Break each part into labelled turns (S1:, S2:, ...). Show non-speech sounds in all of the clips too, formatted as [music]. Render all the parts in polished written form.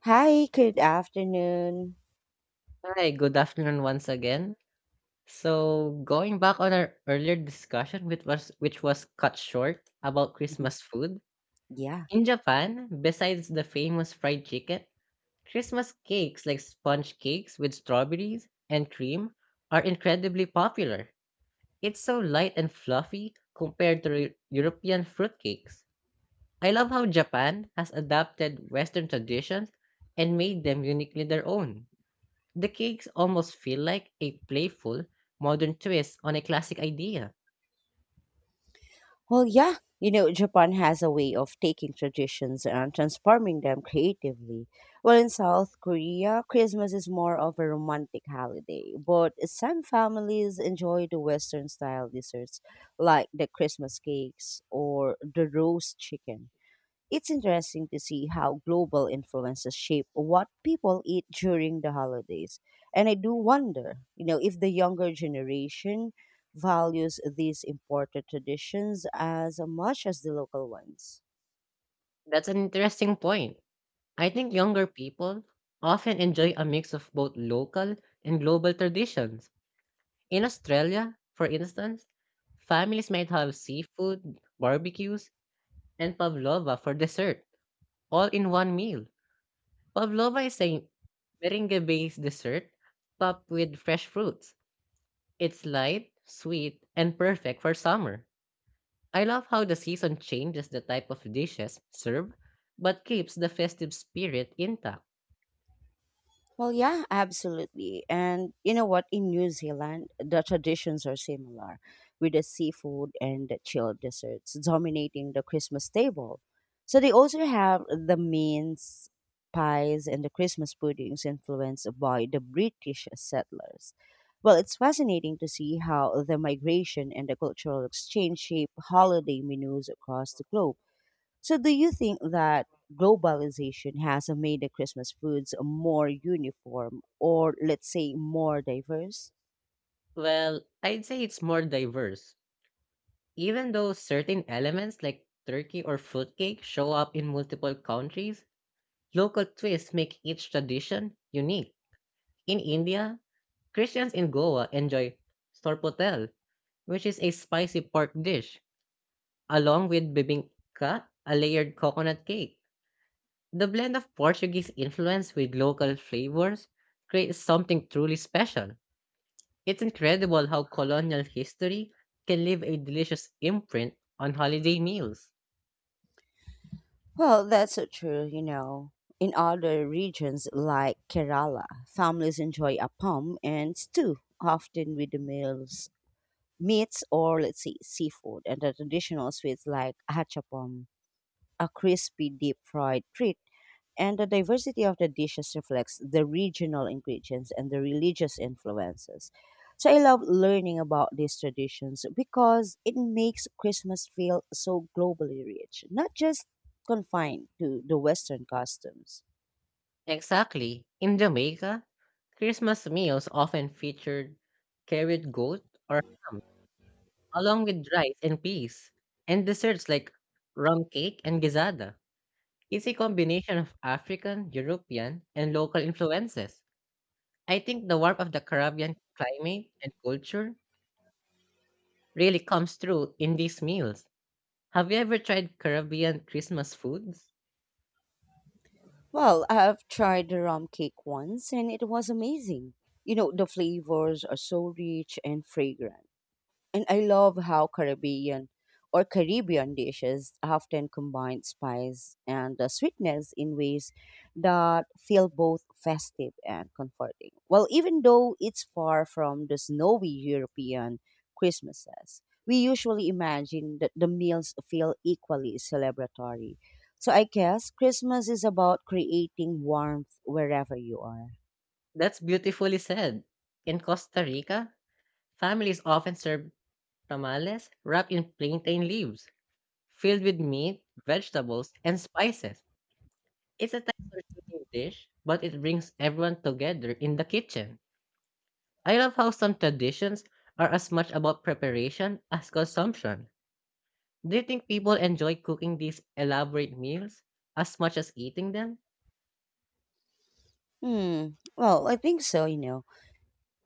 S1: Hi, good afternoon.
S2: Hi, good afternoon once again. So, going back on our earlier discussion, which was cut short about
S1: Mhm.
S2: Christmas food
S1: Yeah.
S2: in Japan, besides the famous fried chicken, Christmas cakes like sponge cakes with strawberries and cream are incredibly popular. It's so light and fluffy compared to European fruitcakes. I love how Japan has adapted Western traditions and made them uniquely their own. The cakes almost feel like a playful, modern twist on a classic idea.
S1: Well, yeah. You know, Japan has a way of taking traditions and transforming them creatively. Well, in South Korea, Christmas is more of a romantic holiday, but some families enjoy the Western style desserts like the Christmas cakes or the roast chicken. It's interesting to see how global influences shape what people eat during the holidays. And I do wonder, you know, if the younger generation values these important traditions as much as the local ones.
S2: That's an interesting point. I think younger people often enjoy a mix of both local and global traditions. In Australia, for instance, families might have seafood, barbecues, and pavlova for dessert, all in one meal. Pavlova is a meringue based dessert topped with fresh fruits. It's light, sweet, and perfect for summer. I love how the season changes the type of dishes served, but keeps the festive spirit intact.
S1: Well, yeah, absolutely. And you know what? In New Zealand, the traditions are similar, with the seafood and the chilled desserts dominating the Christmas table. So they also have the mince pies and the Christmas puddings influenced by the British settlers. Well, it's fascinating to see how the migration and the cultural exchange shape holiday menus across the globe. So, do you think that globalization has made the Christmas foods more uniform or, let's say, more diverse?
S2: Well, I'd say it's more diverse, even though certain elements like turkey or fruitcake show up in multiple countries. Local twists make each tradition unique. In India, Christians in Goa enjoy sorpotel, which is a spicy pork dish, along with bibingka, a layered coconut cake. The blend of Portuguese influence with local flavors creates something truly special. It's incredible how colonial history can leave a delicious imprint on holiday meals.
S1: Well, that's so true, you know. In other regions like Kerala, families enjoy appam and stew, often with the meals, meats or, let's say, seafood, and the traditional sweets like hachapam, a crispy deep fried treat. And the diversity of the dishes reflects the regional ingredients and the religious influences. So I love learning about these traditions because it makes Christmas feel so globally rich, not just confined to the Western customs.
S2: Exactly. In Jamaica, Christmas meals often featured carried goat or along with rice and peas, and desserts like rum cake and gizada. It's a combination of African, European, and local influences. I think the warmth of the Caribbean climate and culture really comes through in these meals. Have you ever tried Caribbean Christmas foods?
S1: Well, I've tried the rum cake once and it was amazing. You know, the flavors are so rich and fragrant. And I love how Caribbean or Caribbean dishes often combine spice and sweetness in ways that feel both festive and comforting. Well, even though it's far from the snowy European Christmases, we usually imagine that the meals feel equally celebratory. So I guess Christmas is about creating warmth wherever you are.
S2: That's beautifully said. In Costa Rica, families often serve tamales wrapped in plantain leaves, filled with meat, vegetables, and spices. It's a time-consuming dish, but it brings everyone together in the kitchen. I love how some traditions are as much about preparation as consumption. Do you think people enjoy cooking these elaborate meals as much as eating them?
S1: Hmm. Well, I think so, you know.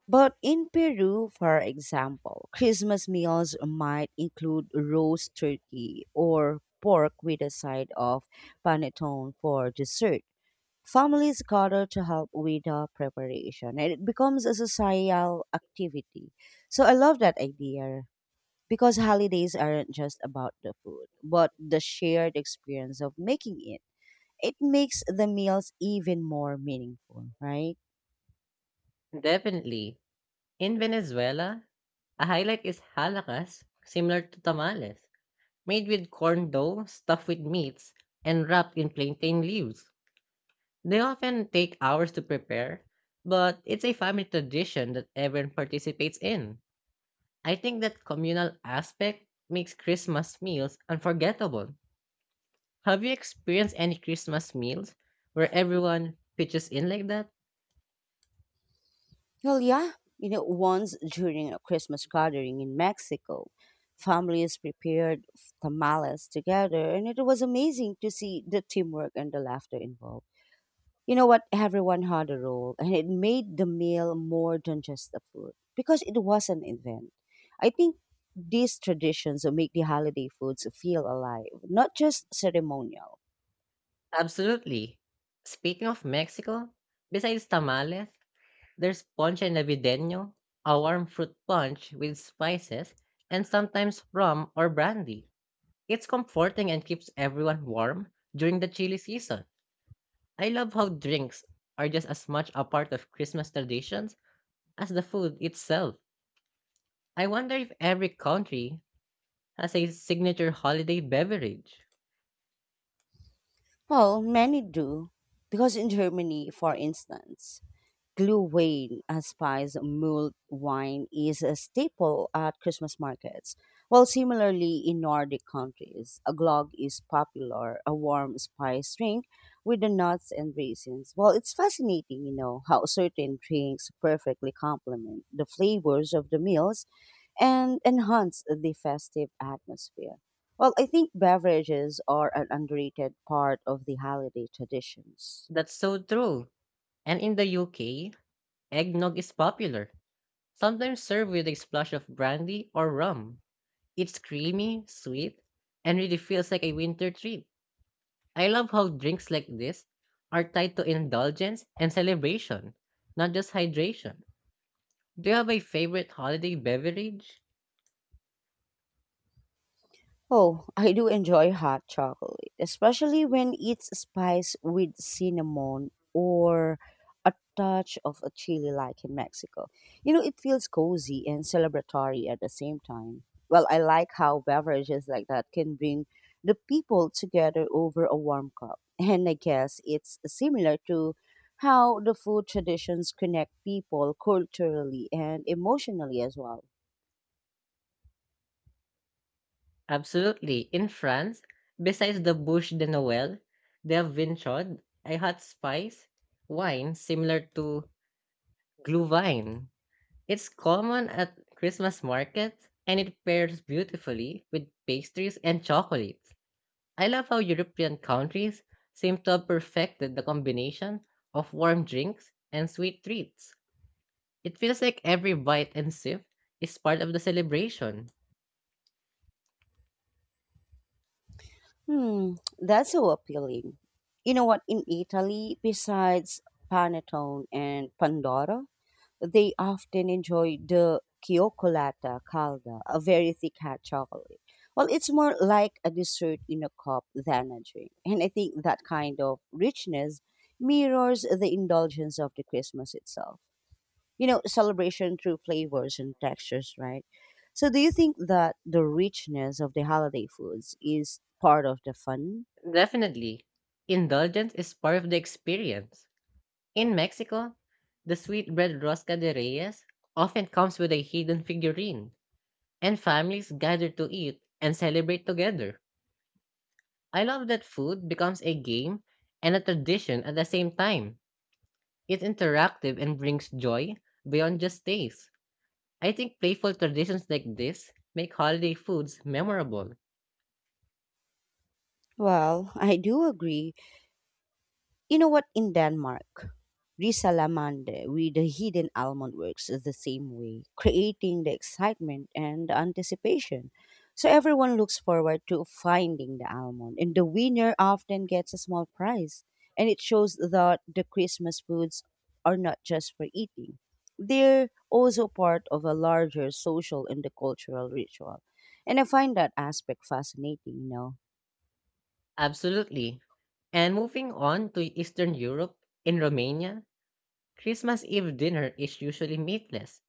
S1: But in Peru, for example, Christmas meals might include roast turkey or pork with a side of panettone for dessert. Families gather to help with the preparation, and it becomes a societal activity. So I love that idea because holidays aren't just about the food, but the shared experience of making it. It makes the meals even more meaningful, right?
S2: Definitely. In Venezuela, a highlight is halacas, similar to tamales, made with corn dough, stuffed with meats, and wrapped in plantain leaves. They often take hours to prepare, but it's a family tradition that everyone participates in. I think that communal aspect makes Christmas meals unforgettable. Have you experienced any Christmas meals where everyone pitches in like that?
S1: Well, yeah. You know, once during a Christmas gathering in Mexico, families prepared tamales together, and it was amazing to see the teamwork and the laughter involved. You know what? Everyone had a role, and it made the meal more than just the food because it was an event. I think these traditions make the holiday foods feel alive, not just ceremonial.
S2: Absolutely. Speaking of Mexico, besides tamales, there's ponche navideño, a warm fruit punch with spices, and sometimes rum or brandy. It's comforting and keeps everyone warm during the chilly season. I love how drinks are just as much a part of Christmas traditions as the food itself. I wonder if every country has a signature holiday beverage.
S1: Well, many do, because in Germany, for instance, Glühwein, a spice mulled wine, is a staple at Christmas markets. While similarly in Nordic countries, a glögg is popular, a warm spice drink with the nuts and raisins. Well, it's fascinating, you know, how certain drinks perfectly complement the flavors of the meals and enhance the festive atmosphere. Well, I think beverages are an underrated part of the holiday traditions.
S2: That's so true. And in the UK, eggnog is popular, sometimes served with a splash of brandy or rum. It's creamy, sweet, and really feels like a winter treat. I love how drinks like this are tied to indulgence and celebration, not just hydration. Do you have a favorite holiday beverage?
S1: Oh, [laughs] I do enjoy hot chocolate, especially when it's spiced with cinnamon or a touch of a chili like in Mexico. You know, it feels cozy and celebratory at the same time. Well, I like how beverages like that can bring the people together over a warm cup. [laughs] And I guess it's similar to how the food traditions connect people culturally and emotionally as well.
S2: Absolutely. In France, besides the Bouche de Noël, they have Vinchaud, a hot spice wine similar to Glühwein. It's common at Christmas markets and it pairs beautifully with pastries and chocolate. I love how European countries seem to have perfected the combination of warm drinks and sweet treats. It feels like every bite and sip is part of the celebration.
S1: Hmm, that's so appealing. You know what? In Italy, besides panettone and pandoro, they often enjoy the cioccolata calda, a very thick hot chocolate. Well, it's more like a dessert in a cup than a drink, and I think that kind of richness mirrors the indulgence of the Christmas itself. You know, celebration through flavors and textures, right? So, do you think that the richness of the holiday foods is part of the fun?
S2: Definitely, indulgence is part of the experience. In Mexico, the sweetbread rosca de Reyes often comes with a hidden figurine, and families gather to eat and celebrate together. I love that food becomes a game and a tradition at the same time. It's interactive and brings joy beyond just taste. I think playful traditions like this make holiday foods memorable.
S1: Well, I do agree. You know what? In Denmark, Risalamande with the hidden almond works the same way, creating the excitement and the anticipation. So everyone looks forward to finding the almond, and the winner often gets a small prize. And it shows that the Christmas foods are not just for eating, they're also part of a larger social and the cultural ritual. And I find that aspect fascinating, you know.
S2: Absolutely. And moving on to Eastern Europe, in Romania, Christmas Eve dinner is usually meatless,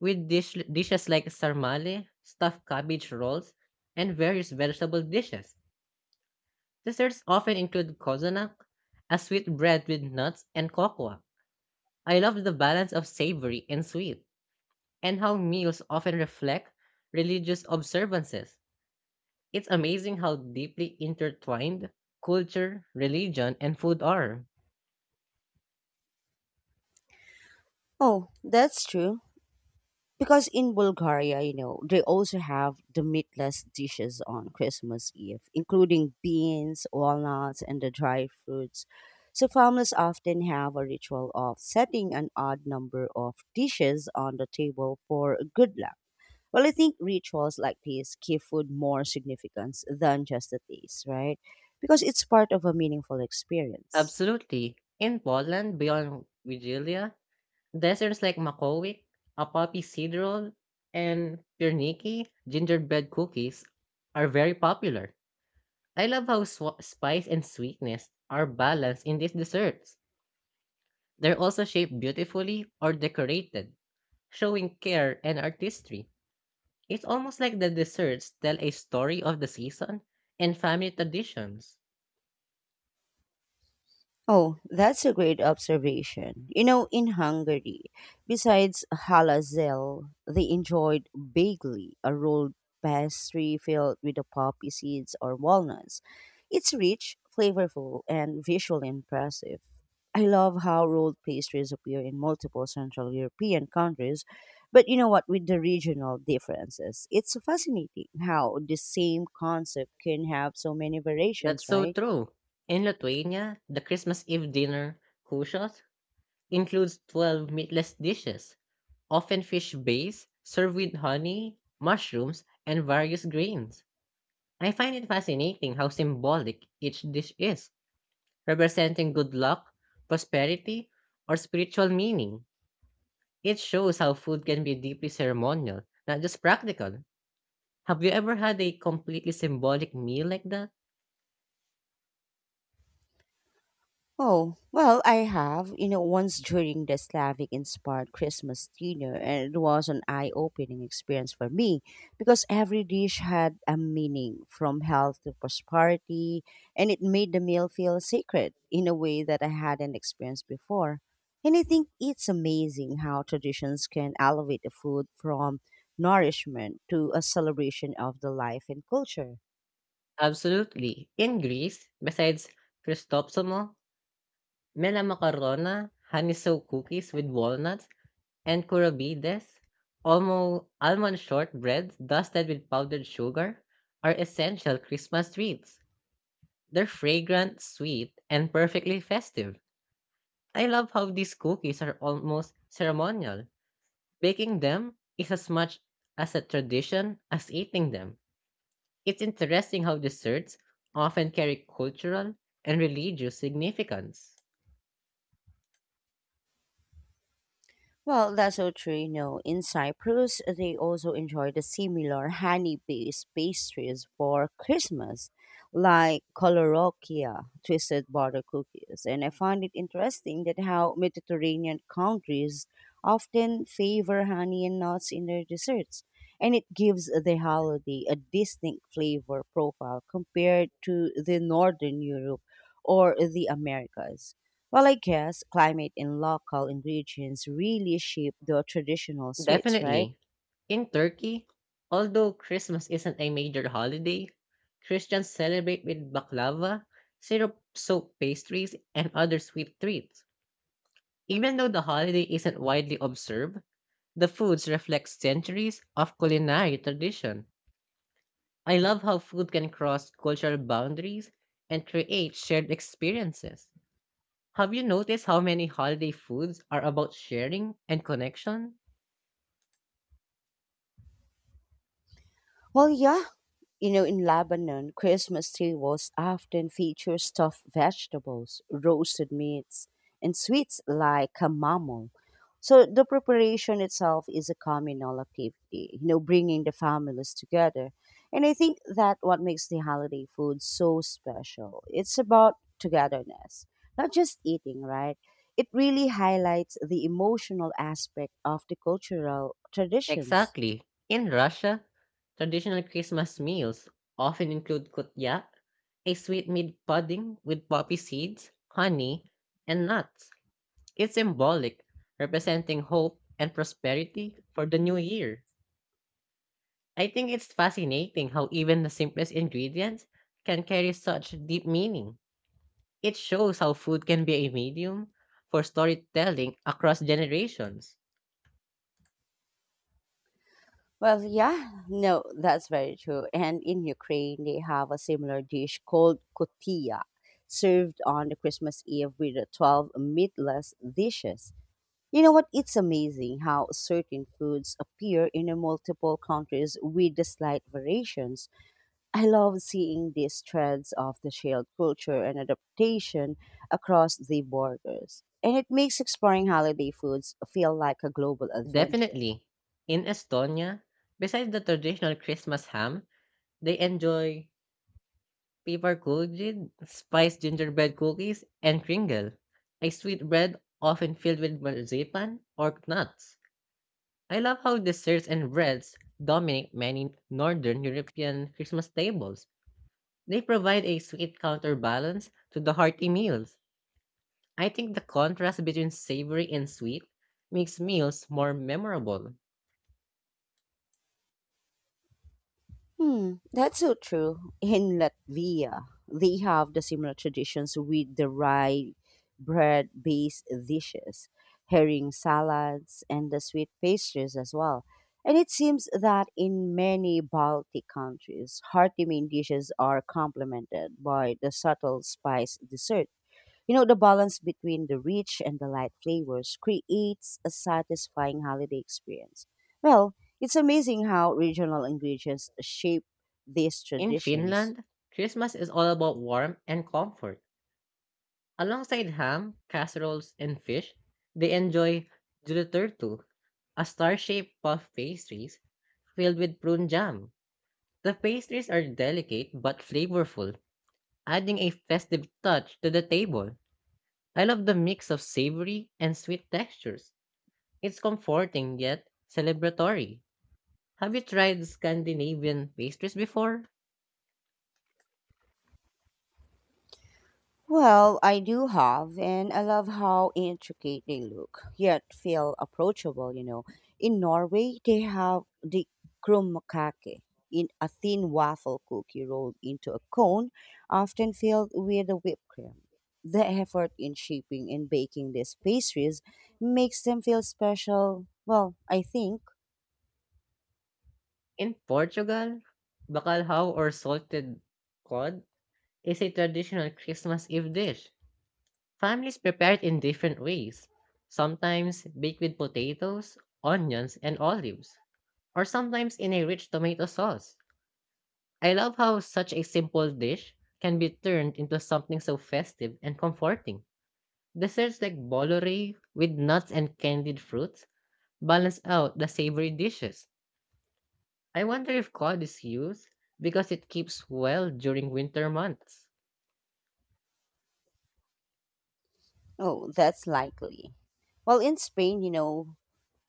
S2: with dishes like sarmale, stuffed cabbage rolls, and various vegetable dishes. Desserts often include cozonac, a sweet bread with nuts and cocoa. I love the balance of savory and sweet, and how meals often reflect religious observances. It's amazing how deeply intertwined culture, religion, and food are.
S1: Oh, that's true. Because in Bulgaria, you know, they also have the meatless dishes on Christmas Eve, including beans, walnuts, and the dried fruits. So families often have a ritual of setting an odd number of dishes on the table for good luck. Well, I think rituals like these give food more significance than just the taste, right? Because it's part of a meaningful experience.
S2: Absolutely. In Poland, beyond Vigilia, desserts like Makowiek, a poppy seed roll, and pierniki, gingerbread cookies, are very popular. I love how spice and sweetness are balanced in these desserts. They're also shaped beautifully or decorated, showing care and artistry. It's almost like the desserts tell a story of the season and family traditions.
S1: Oh, that's a great observation. You know, in Hungary, besides halazel, they enjoyed bagli, a rolled pastry filled with the poppy seeds or walnuts. It's rich, flavorful, and visually impressive. I love how rolled pastries appear in multiple Central European countries, but you know what, with the regional differences, it's fascinating how the same concept can have so many
S2: That's
S1: variations,
S2: so
S1: right?
S2: true. In Lithuania, the Christmas Eve dinner, kushos, includes 12 meatless dishes, often fish based, served with honey, mushrooms, and various grains. I find it fascinating how symbolic each dish is, representing good luck, prosperity, or spiritual meaning. It shows how food can be deeply ceremonial, not just practical. Have you ever had a completely symbolic meal like that?
S1: Oh, well, I have. You know, once during the Slavic inspired Christmas dinner, and it was an eye opening experience for me because every dish had a meaning from health to prosperity, and it made the meal feel sacred in a way that I hadn't experienced before. And I think it's amazing how traditions can elevate the food from nourishment to a celebration of the life and culture.
S2: Absolutely. In Greece, besides Christopsomo, melamakarona, haniso cookies with walnuts, and kourabides, almond shortbread dusted with powdered sugar, are essential Christmas treats. They're fragrant, sweet, and perfectly festive. I love how these cookies are almost ceremonial. Baking them is as much as a tradition as eating them. It's interesting how desserts often carry cultural and religious significance.
S1: Well, that's so true. You know, in Cyprus, they also enjoy the similar honey-based pastries for Christmas, like kolorokia, twisted butter cookies. And I find it interesting that how Mediterranean countries often favor honey and nuts in their desserts, and it gives the holiday a distinct flavor profile compared to the Northern Europe or the Americas. Well, I guess climate and local ingredients really shape the traditional sweets, right?
S2: Definitely. In Turkey, although Christmas isn't a major holiday, Christians celebrate with baklava, syrup soaked pastries, and other sweet treats. Even though the holiday isn't widely observed, the foods reflect centuries of culinary tradition. I love how food can cross cultural boundaries and create shared experiences. Have you noticed how many holiday foods are about sharing and connection?
S1: Well, yeah. You know, in Lebanon, Christmas tables often feature stuffed vegetables, roasted meats, and sweets like kamamul. So the preparation itself is a communal activity, you know, bringing the families together. And I think that what makes the holiday food so special. It's about togetherness, not just eating, right? It really highlights the emotional aspect of the cultural traditions.
S2: Exactly. In Russia, traditional Christmas meals often include kutya, a sweetmeat pudding with poppy seeds, honey, and nuts. It's symbolic, representing hope and prosperity for the new year. I think it's fascinating how even the simplest ingredients can carry such deep meaning. It shows how food can be a medium for storytelling across generations.
S1: Well, yeah, no, that's very true. And in Ukraine, they have a similar dish called kotia, served on the Christmas Eve with the 12 meatless dishes. You know what? It's amazing how certain foods appear in the multiple countries with the slight variations. I love seeing these threads of the shared culture and adaptation across the borders. And it makes exploring holiday foods feel like a global adventure.
S2: Definitely. In Estonia, besides the traditional Christmas ham, they enjoy piparkujid, spiced gingerbread cookies, and kringle, a sweet bread often filled with marzipan or nuts. I love how desserts and breads dominate many northern European Christmas tables. They provide a sweet counterbalance to the hearty meals. I think the contrast between savory and sweet makes meals more memorable.
S1: Hmm, that's so true. In Latvia, they have the similar traditions with the rye bread based dishes, herring salads, and the sweet pastries as well. And it seems that in many Baltic countries, hearty main dishes are complemented by the subtle spice dessert. You know, the balance between the rich and the light flavors creates a satisfying holiday experience. Well, it's amazing how regional ingredients shape these
S2: In
S1: traditions.
S2: Finland, Christmas is all about warmth and comfort. Alongside ham, casseroles, and fish, they enjoy Juleturtu, a star-shaped puff pastries filled with prune jam. The pastries are delicate but flavorful, adding a festive touch to the table. I love the mix of savory and sweet textures. It's comforting yet celebratory. Have you tried Scandinavian pastries before?
S1: Well, I do have, and I love how intricate they look, yet feel approachable, you know. In Norway, they have the krumkake, in a thin waffle cookie rolled into a cone, often filled with a whipped cream. The effort in shaping and baking these pastries makes them feel special. Well, I think.
S2: In Portugal, bacalhau or salted cod is a traditional Christmas Eve dish. Families prepare it in different ways. Sometimes baked with potatoes, onions, and olives, or sometimes in a rich tomato sauce. I love how such a simple dish can be turned into something so festive and comforting. Desserts like bolore with nuts and candied fruits balance out the savory dishes. I wonder if cod is used because it keeps well during winter months.
S1: Oh, that's likely. Well, in Spain, you know,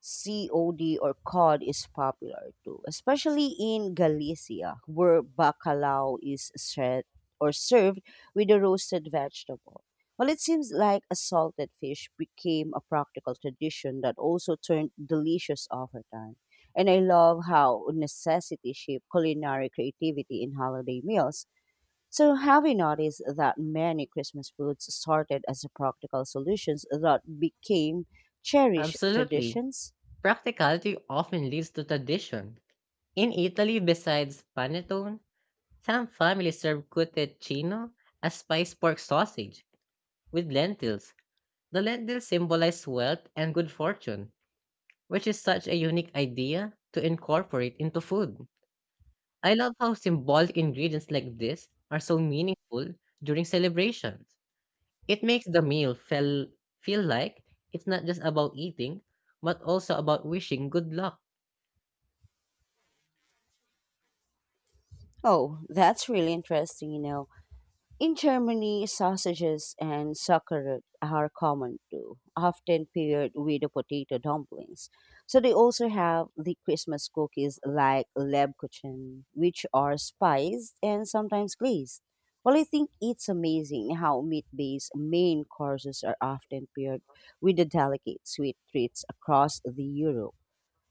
S1: cod or cod is popular too, especially in Galicia, where bacalao is set or served with a roasted vegetable. Well, it seems like a salted fish became a practical tradition that also turned delicious over time. And I love how necessity shaped culinary creativity in holiday meals. So, have you noticed that many Christmas foods started as practical solutions that became cherished
S2: Absolutely.
S1: traditions?
S2: Practicality often leads to tradition. In Italy, besides panettone, some families serve cutecchino, a spiced pork sausage, with lentils. The lentils symbolize wealth and good fortune, which is such a unique idea to incorporate into food. I love how symbolic ingredients like this are so meaningful during celebrations. It makes the meal feel like it's not just about eating, but also about wishing good luck.
S1: Oh, that's really interesting, you know. In Germany, sausages and sauerkraut are common too, often paired with the potato dumplings. So they also have the Christmas cookies like Lebkuchen, which are spiced and sometimes glazed. Well, I think it's amazing how meat-based main courses are often paired with the delicate sweet treats across the Europe.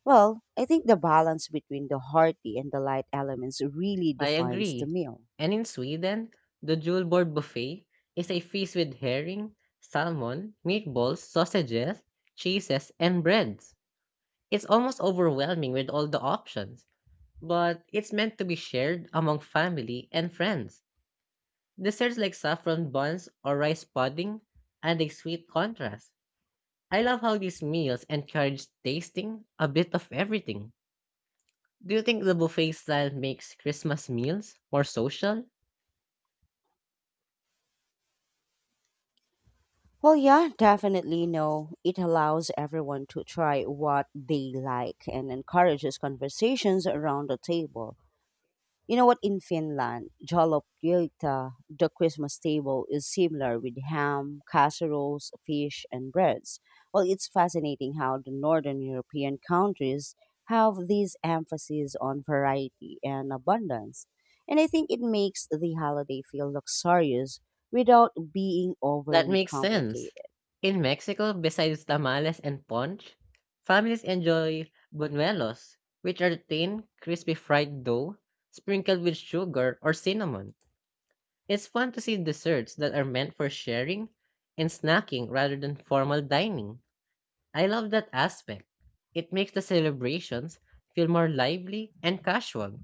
S1: Well, I think the balance between the hearty and the light elements really
S2: I
S1: defines the
S2: agree.
S1: meal.
S2: And in Sweden, the jewel board buffet is a feast with herring, salmon, meatballs, sausages, cheeses, and breads. It's almost overwhelming with all the options, but it's meant to be shared among family and friends. Desserts like saffron buns or rice pudding add a sweet contrast. I love how these meals encourage tasting a bit of everything. Do you think the buffet style makes Christmas meals more social?
S1: Well, yeah, definitely no. It allows everyone to try what they like and encourages conversations around the table. You know what? In Finland, jalapeota, the Christmas table, is similar with ham, casseroles, fish, and breads. Well, it's fascinating how the Northern European countries have this emphasis on variety and abundance. And I think it makes the holiday feel luxurious without being
S2: That
S1: overly
S2: makes sense.
S1: complicated.
S2: In Mexico, besides tamales and punch, families enjoy buñuelos, which are thin, crispy fried dough sprinkled with sugar or cinnamon. It's fun to see desserts that are meant for sharing and snacking rather than formal dining. I love that aspect. It makes the celebrations feel more lively and casual.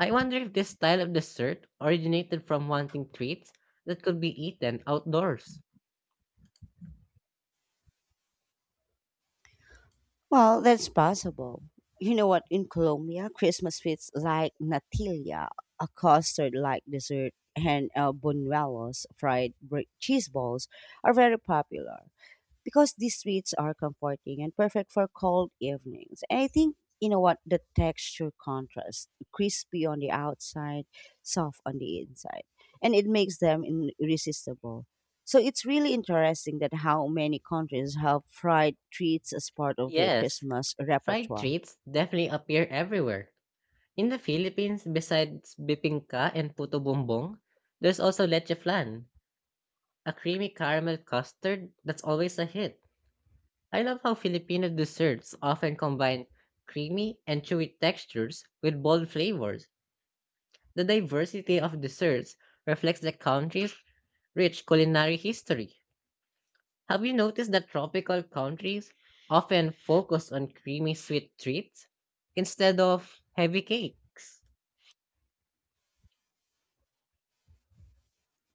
S2: I wonder if this style of dessert originated from wanting treats that could be eaten outdoors.
S1: Well, that's possible. You know what? In Colombia, Christmas sweets like natilla, a custard like dessert, and buñuelos, fried cheese balls, are very popular because these sweets are comforting and perfect for cold evenings. And I think you know what, the texture contrast crispy on the outside, soft on the inside, and it makes them irresistible. So it's really interesting that how many countries have fried treats as part of their
S2: Yes,
S1: Christmas
S2: fried
S1: repertoire.
S2: treats definitely appear everywhere. In the Philippines, besides bibingka and puto bumbong, there's also leche flan, a creamy caramel custard that's always a hit. I love how Filipino desserts often combine creamy and chewy textures with bold flavors. The diversity of desserts reflects the country's rich culinary history. Have you noticed that tropical countries often focus on creamy sweet treats instead of heavy cakes?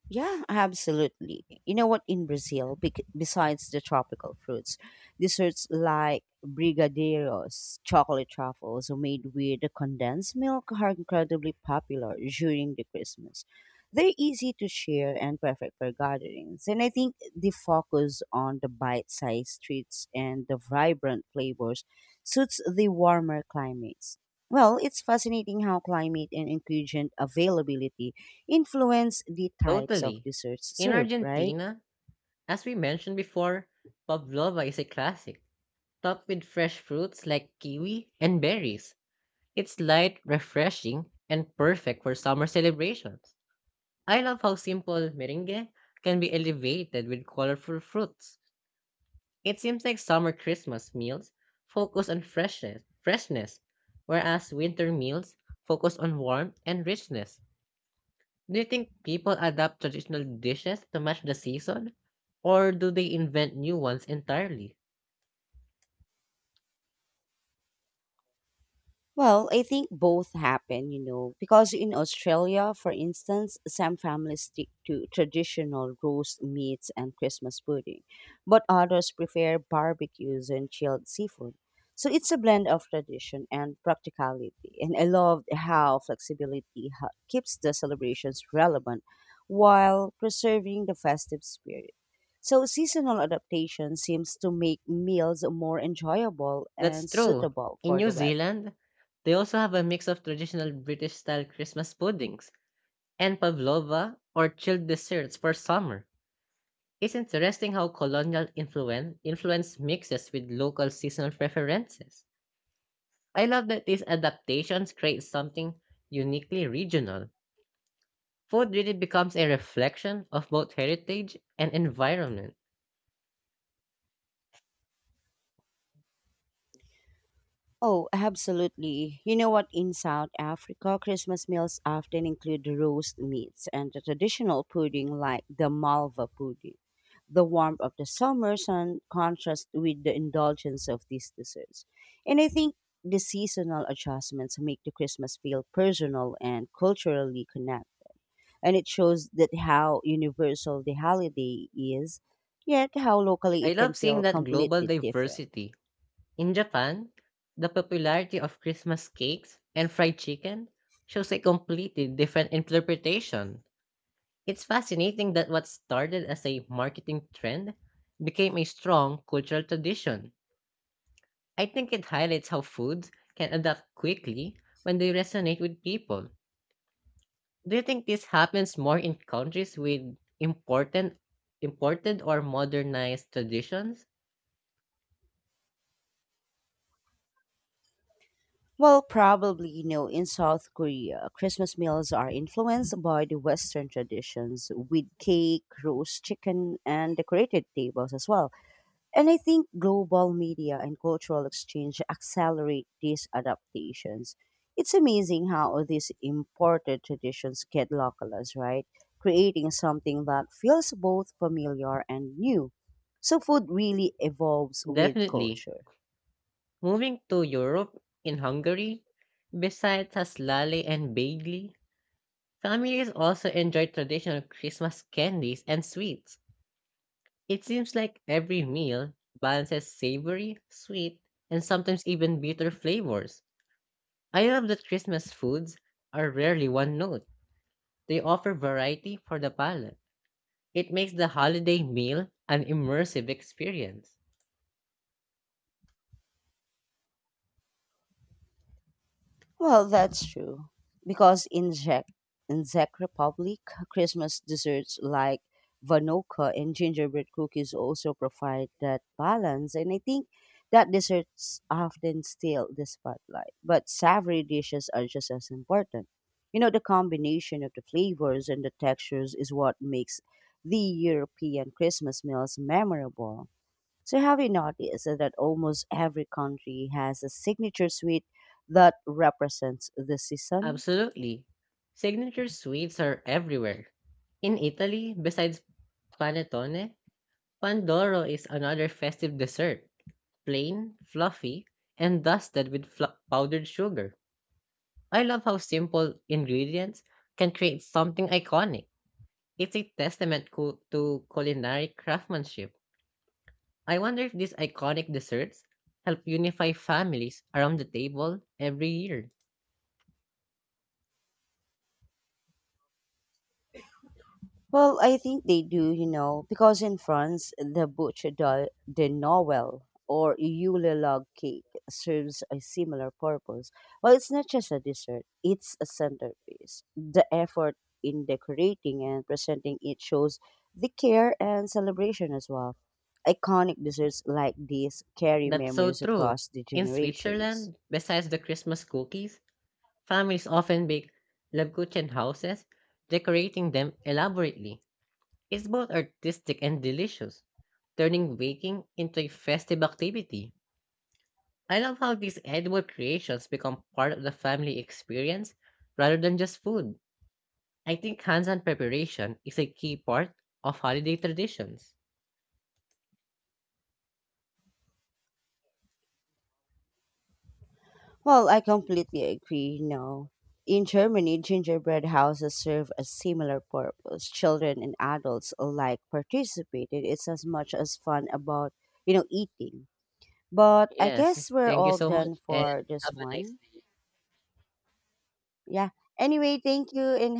S1: Yeah, absolutely. You know what? In Brazil, besides the tropical fruits, desserts like brigadeiros, chocolate truffles made with condensed milk are incredibly popular during the Christmas. They're easy to share and perfect for gatherings. And I think the focus on the bite-sized treats and the vibrant flavors suits the warmer climates. Well, it's fascinating how climate and ingredient availability influence the types of
S2: Totally.
S1: desserts
S2: In
S1: served, right?
S2: Argentina, as we mentioned before, pavlova is a classic, topped with fresh fruits like kiwi and berries. It's light, refreshing, and perfect for summer celebrations. I love how simple meringue can be elevated with colorful fruits. It seems like summer Christmas meals focus on freshness, whereas winter meals focus on warmth and richness. Do you think people adapt traditional dishes to match the season, or do they invent new ones entirely?
S1: Well, I think both happen, you know, because in Australia, for instance, some families stick to traditional roast meats and Christmas pudding, but others prefer barbecues and chilled seafood. So it's a blend of tradition and practicality. And I love how flexibility keeps the celebrations relevant while preserving the festive spirit. So seasonal adaptation seems to make meals more enjoyable
S2: That's
S1: and
S2: true.
S1: suitable
S2: In
S1: for
S2: New
S1: the weather.
S2: Zealand, they also have a mix of traditional British-style Christmas puddings and pavlova or chilled desserts for summer. It's interesting how colonial influence influence mixes with local seasonal preferences. I love that these adaptations create something uniquely regional. Food really becomes a reflection of both heritage and environment.
S1: Oh, absolutely. You know what? In South Africa, Christmas meals often include roast meats and the traditional pudding like the malva pudding. The warmth of the summer sun contrasts with the indulgence of these desserts. And I think the seasonal adjustments make the Christmas feel personal and culturally connected. And it shows that how universal the holiday is, yet how locally
S2: I
S1: it can
S2: love seeing
S1: feel
S2: that global
S1: completely different.
S2: diversity. In Japan, the popularity of Christmas cakes and fried chicken shows a completely different interpretation. It's fascinating that what started as a marketing trend became a strong cultural tradition. I think it highlights how foods can adapt quickly when they resonate with people. Do you think this happens more in countries with important imported or modernized traditions?
S1: Well, probably, you know, in South Korea, Christmas meals are influenced by the Western traditions with cake, roast chicken, and decorated tables as well. And I think global media and cultural exchange accelerate these adaptations. It's amazing how these imported traditions get localized, right? Creating something that feels both familiar and new. So food really evolves with
S2: Definitely.
S1: culture.
S2: Moving to Europe in Hungary, besides haslali and bagli, families also enjoy traditional Christmas candies and sweets. It seems like every meal balances savory, sweet, and sometimes even bitter flavors. I love that Christmas foods are rarely one note. They offer variety for the palate. It makes the holiday meal an immersive experience.
S1: Well, that's true. Because in Czech Republic, Christmas desserts like Vanokka and gingerbread cookies also provide that balance. And I think that desserts often steal the spotlight. But savory dishes are just as important. You know, the combination of the flavors and the textures is what makes the European Christmas meals memorable. So, have you noticed that almost every country has a signature sweet that represents the season?
S2: Absolutely. Signature sweets are everywhere. In Italy, besides panettone, pandoro is another festive dessert. Plain, fluffy, and dusted with powdered sugar. I love how simple ingredients can create something iconic. It's a testament to culinary craftsmanship. I wonder if these iconic desserts help unify families around the table every year.
S1: Well, I think they do, you know, because in France, the bouche de Noël or Yule log cake serves a similar purpose. Well, it's not just a dessert, it's a centerpiece. The effort in decorating and presenting it shows the care and celebration as well. Iconic desserts like these carry
S2: That's so
S1: memories
S2: true.
S1: across the
S2: In
S1: generations.
S2: Switzerland, besides the Christmas cookies, families often bake Lebkuchen houses, decorating them elaborately. It's both artistic and delicious, turning baking into a festive activity. I love how these edible creations become part of the family experience rather than just food. I think hands-on preparation is a key part of holiday traditions.
S1: Well, I completely agree. No. In Germany, gingerbread houses serve a similar purpose. Children and adults alike participated. It's as much as fun about, you know, eating. But I
S2: Yes,
S1: guess we're
S2: thank you
S1: all
S2: so
S1: done
S2: much and
S1: for this
S2: have a nice
S1: one.
S2: day.
S1: Yeah. Anyway, thank you and